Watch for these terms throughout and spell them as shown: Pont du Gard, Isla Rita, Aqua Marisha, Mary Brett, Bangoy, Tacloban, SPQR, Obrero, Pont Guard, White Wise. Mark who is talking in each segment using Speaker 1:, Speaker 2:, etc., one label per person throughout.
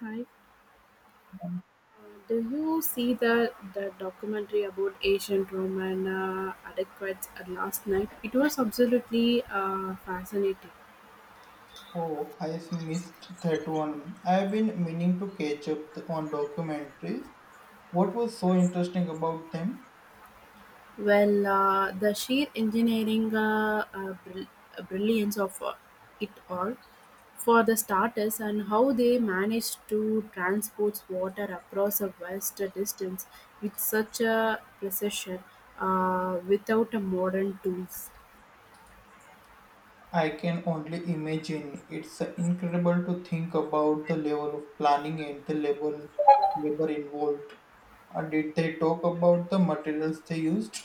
Speaker 1: Hi. Do you see the documentary about ancient Roman adequates last night? It was absolutely fascinating.
Speaker 2: Oh, I have missed that one. I have been meaning to catch up on documentaries. What was so interesting about them?
Speaker 1: Well, the sheer engineering brilliance of it all, for the starters, and how they managed to transport water across a vast distance with such a precision without a modern tools.
Speaker 2: I can only imagine. It's incredible to think about the level of planning and the level labor involved. Did they talk about the materials they used?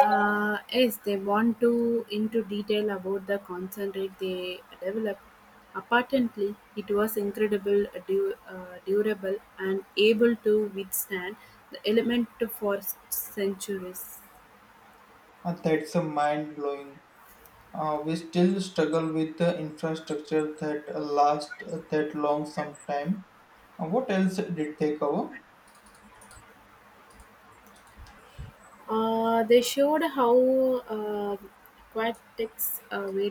Speaker 1: Yes, they want to into detail about the concentrate they developed. Apparently, it was incredible, durable, and able to withstand the element for centuries.
Speaker 2: That's a mind blowing. We still struggle with the infrastructure that lasts that long sometime. What else did they cover?
Speaker 1: They showed how uh, aquatics were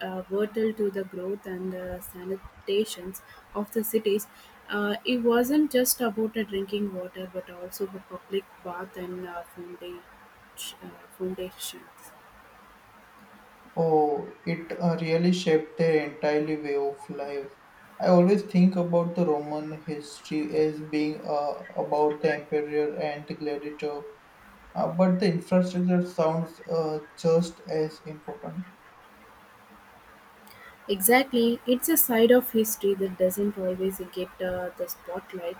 Speaker 1: vital to the growth and sanitations of the cities. It wasn't just about drinking water, but also the public bath and uh, foundations.
Speaker 2: Oh, it really shaped their entire way of life. I always think about the Roman history as being about the emperor and the gladiator, but the infrastructure sounds just as important.
Speaker 1: Exactly, it's a side of history that doesn't always get the spotlight,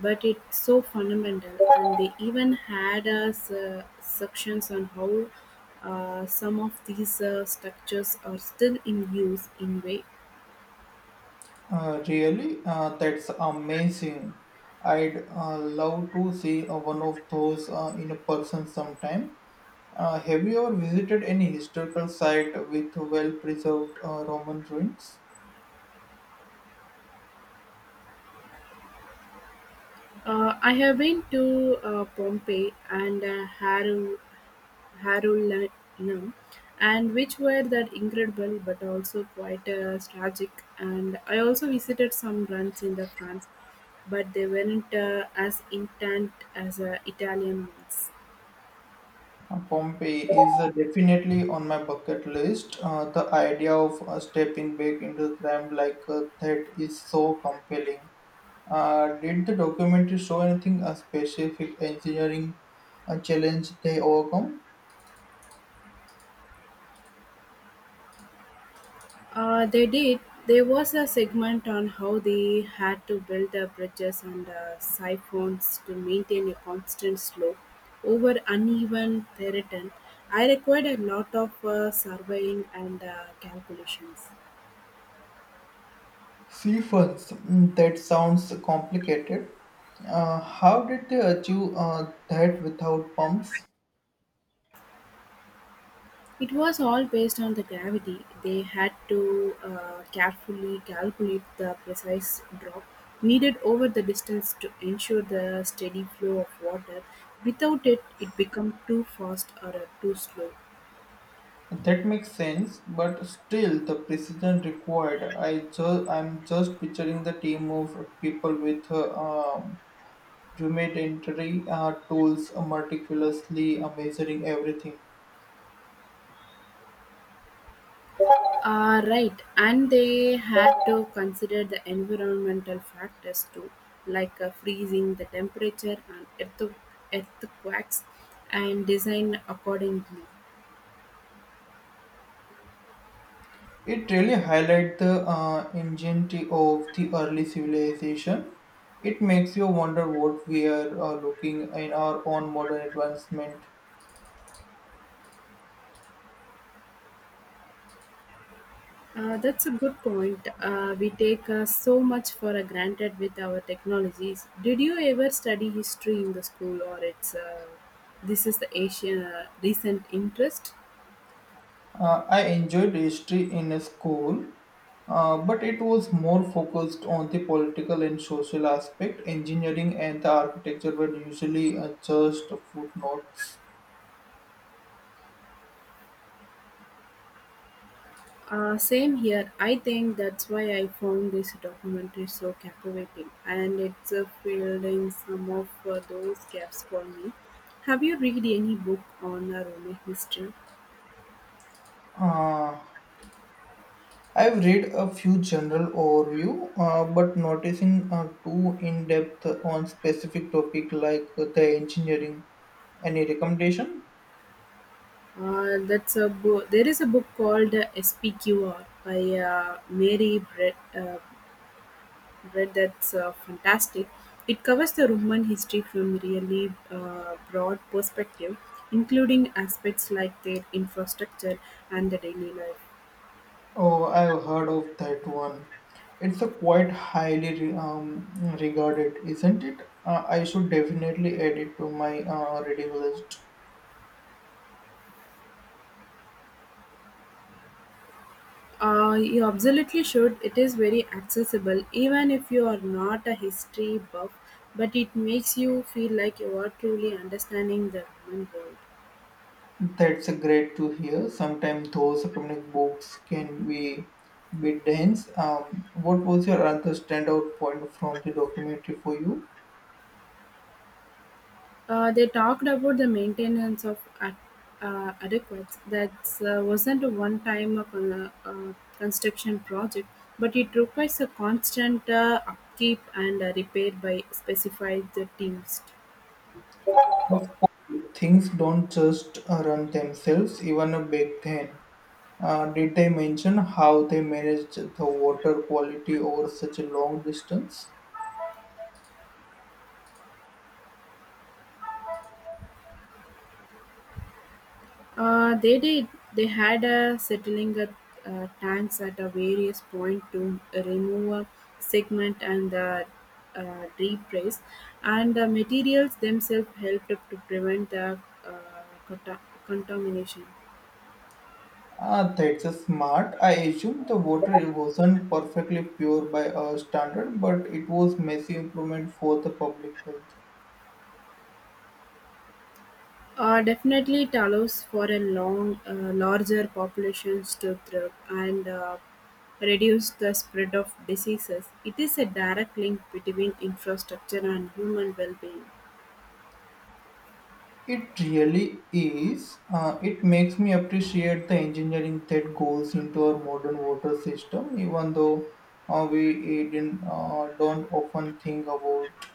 Speaker 1: but it's so fundamental. And they even had sections on how some of these structures are still in use in way.
Speaker 2: Really? That's amazing. I'd love to see one of those in a person sometime. Have you ever visited any historical site with well preserved Roman ruins?
Speaker 1: I have been to Pompeii and Harrow Harulnam, and which were that incredible but also quite tragic. And I also visited some runs in the France, but they weren't as intense as Italian ones.
Speaker 2: Pompeii is definitely on my bucket list. The idea of stepping back into crime like that is so compelling. Did the documentary show anything a specific engineering challenge they overcome?
Speaker 1: They did. There was a segment on how they had to build the bridges and siphons to maintain a constant slope over uneven terrain. I required a lot of surveying and calculations.
Speaker 2: See first, that sounds complicated. How did they achieve that without pumps?
Speaker 1: It was all based on the gravity; they had to carefully calculate the precise drop needed over the distance to ensure the steady flow of water. Without it, it became too fast or too slow.
Speaker 2: That makes sense, but still the precision required. I'm just picturing the team of people with rudimentary tools meticulously measuring everything.
Speaker 1: Ah, right, and they had to consider the environmental factors too, like freezing, the temperature, and earthquakes, and design accordingly.
Speaker 2: It really highlights the ingenuity of the early civilization. It makes you wonder what we are looking in our own modern advancement.
Speaker 1: That's a good point. We take so much for granted with our technologies. Did you ever study history in the school, or it's this is the Asian recent interest?
Speaker 2: I enjoyed history in school, but it was more focused on the political and social aspect. Engineering and the architecture were usually just footnotes.
Speaker 1: Same here. I think that's why I found this documentary so captivating, and it's filled in some of those gaps for me. Have you read any book on Roman history?
Speaker 2: Uh, I've read a few general overview, but noticing too in depth on specific topic like the engineering. Any recommendation?
Speaker 1: That's a book. There is a book called SPQR by Mary Brett. Brett that's fantastic. It covers the Roman history from really broad perspective, including aspects like their infrastructure and the daily life.
Speaker 2: Oh, I've heard of that one. It's a quite highly regarded, isn't it? I should definitely add it to my reading list.
Speaker 1: You absolutely should. It is very accessible, even if you are not a history buff. But it makes you feel like you are truly understanding the Roman world.
Speaker 2: That's a great to hear. Sometimes those academic books can be a bit dense. What was your other standout point from the documentary for you?
Speaker 1: They talked about the maintenance of adequates. That wasn't a one time of a, construction project, but it requires a constant upkeep and repair by specified the teams.
Speaker 2: Of course, things don't just run themselves, even a big thing. Did they mention how they managed the water quality over such a long distance?
Speaker 1: They did. They had a settling tanks at a various point to remove a segment and the replace, and the materials themselves helped to prevent the uh, conta- contamination.
Speaker 2: Ah, that's a smart. I assume the water wasn't perfectly pure by our standard, but it was massive improvement for the public health.
Speaker 1: Definitely, it allows for a long, larger populations to thrive and reduce the spread of diseases. It is a direct link between infrastructure and human well-being.
Speaker 2: It really is. It makes me appreciate the engineering that goes into our modern water system, even though we didn't, don't often think about it.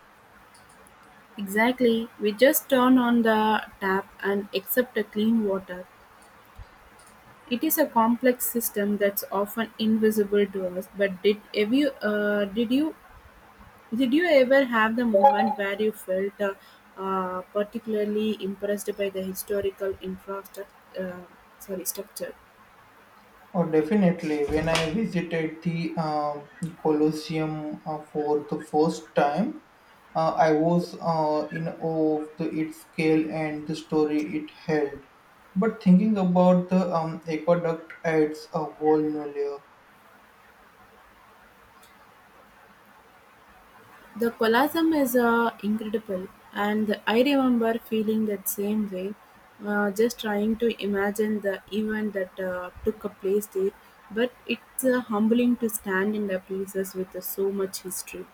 Speaker 1: Exactly, we just turn on the tap and accept a clean water. It is a complex system that's often invisible to us. But did have you, did you Did you ever have the moment where you felt particularly impressed by the historical infrastructure? Uh, Sorry, structure.
Speaker 2: Oh, definitely. When I visited the Colosseum for the first time, I was in awe of the, its scale and the story it held. But thinking about the aqueduct adds a whole new layer.
Speaker 1: The Colosseum is incredible, and I remember feeling that same way. Just trying to imagine the event that took a place there, but it's humbling to stand in the places with so much history.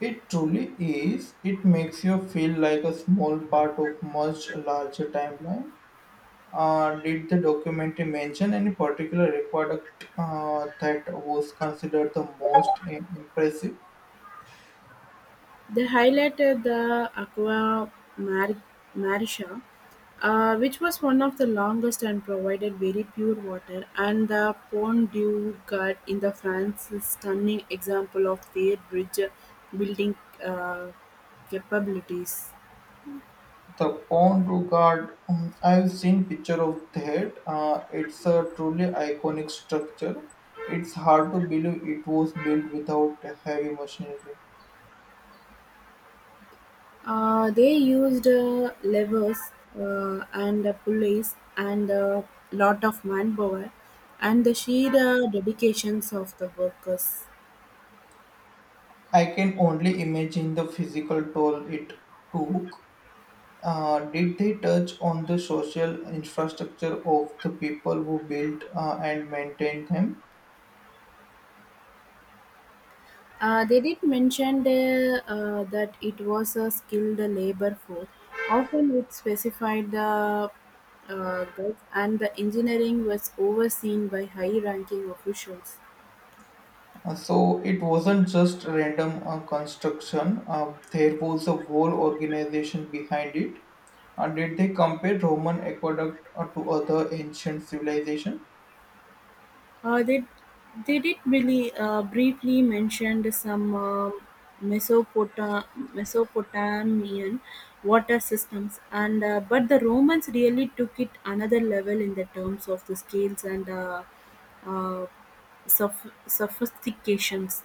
Speaker 2: It truly is. It makes you feel like a small part of much larger timeline. Did the documentary mention any particular aqueduct that was considered the most impressive?
Speaker 1: They highlighted the Aqua Mar- Marisha, which was one of the longest and provided very pure water, and the Pont du Gard in the France is stunning example of their bridge building uh, capabilities.
Speaker 2: The Pont Guard, I've seen picture of that. It's a truly iconic structure. It's hard to believe it was built without heavy machinery.
Speaker 1: They used levers and pulleys and a lot of manpower and the sheer dedications of the workers.
Speaker 2: I can only imagine the physical toll it took. Did they touch on the social infrastructure of the people who built and maintained them?
Speaker 1: They did mention that it was a skilled labor force, often it specified the goods, and the engineering was overseen by high ranking officials.
Speaker 2: So it wasn't just random construction, there was a whole organization behind it. Did they compare Roman aqueduct to other ancient civilization?
Speaker 1: Uh, they, they did really briefly mentioned some Mesopota- Mesopotamian water systems, and but the Romans really took it another level in the terms of the scales and uh, sophistications.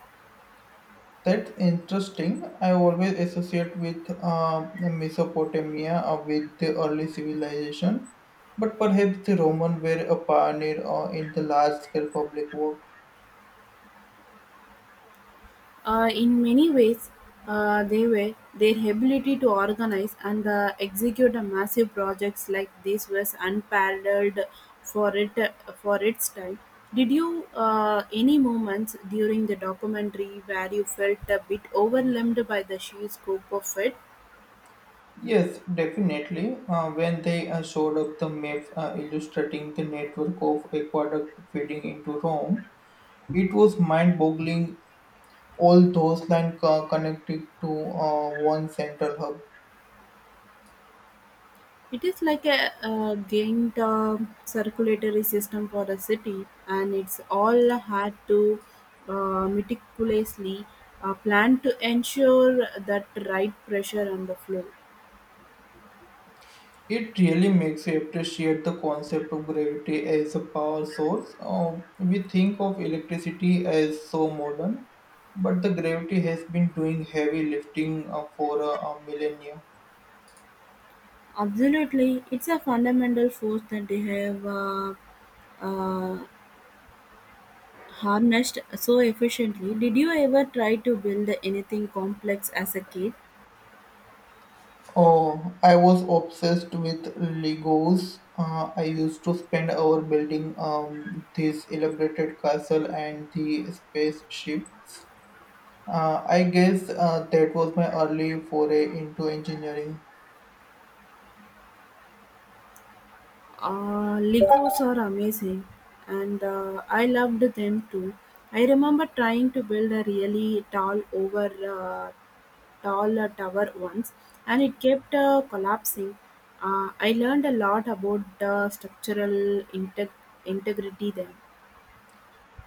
Speaker 2: That's interesting. I always associate with Mesopotamia with the early civilization, but perhaps the Roman were a pioneer in the large-scale public work.
Speaker 1: In many ways, they were their ability to organize and execute a massive projects like this was unparalleled for it for its time. Did you any moments during the documentary where you felt a bit overwhelmed by the sheer scope of it?
Speaker 2: Yes, definitely. When they showed up the map illustrating the network of aqueduct feeding into Rome, it was mind-boggling. All those lines connected to one central hub.
Speaker 1: It is like a, gained circulatory system for a city, and it's all had to meticulously plan to ensure that right pressure on the flow.
Speaker 2: It really makes you appreciate the concept of gravity as a power source. We think of electricity as so modern, but the gravity has been doing heavy lifting for a millennia.
Speaker 1: Absolutely, it's a fundamental force that they have uh, harnessed so efficiently. Did you ever try to build anything complex as a kid?
Speaker 2: Oh, I was obsessed with Legos. I used to spend hours building this elaborated castle and the spaceships. I guess that was my early foray into engineering.
Speaker 1: Legos are amazing, and I loved them too. I remember trying to build a really uh, tall tower once, and it kept collapsing. I learned a lot about structural integ- integrity then.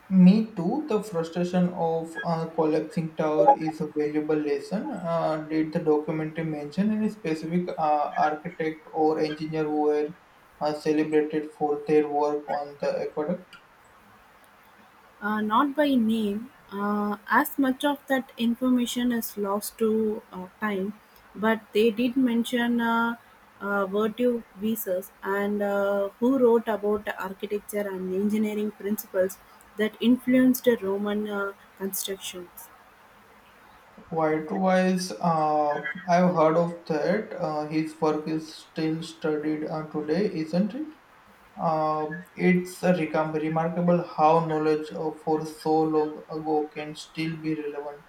Speaker 2: Me too. The frustration of collapsing tower is a valuable lesson. Did the documentary mention any specific architect or engineer who were celebrated for their work on the aqueduct?
Speaker 1: Not by name, as much of that information is lost to time, but they did mention virtue visas and who wrote about architecture and engineering principles that influenced Roman constructions.
Speaker 2: White Wise, I've heard of that. His work is still studied today, isn't it? It's a remarkable how knowledge for so long ago can still be relevant.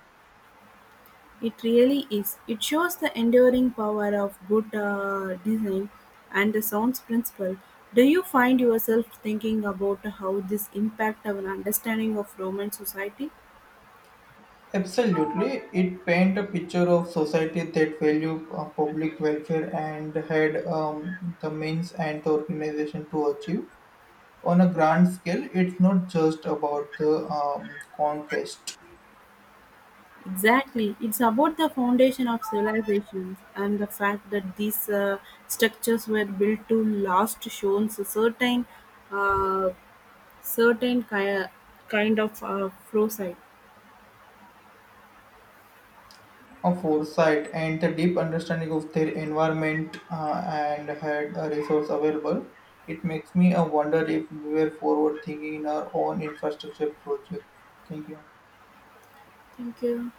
Speaker 1: It really is. It shows the enduring power of good design and the sounds principle. Do you find yourself thinking about how this impact our understanding of Roman society?
Speaker 2: Absolutely, it paint a picture of society that value public welfare and had the means and the organization to achieve. On a grand scale, it's not just about the conquest.
Speaker 1: Exactly. It's about the foundation of civilizations and the fact that these structures were built to last shows a certain, uh, certain ki- kind of foresight.
Speaker 2: Of foresight and the deep understanding of their environment and had a resource available, it makes me wonder if we were forward thinking in our own infrastructure project. Thank you.
Speaker 1: Thank you.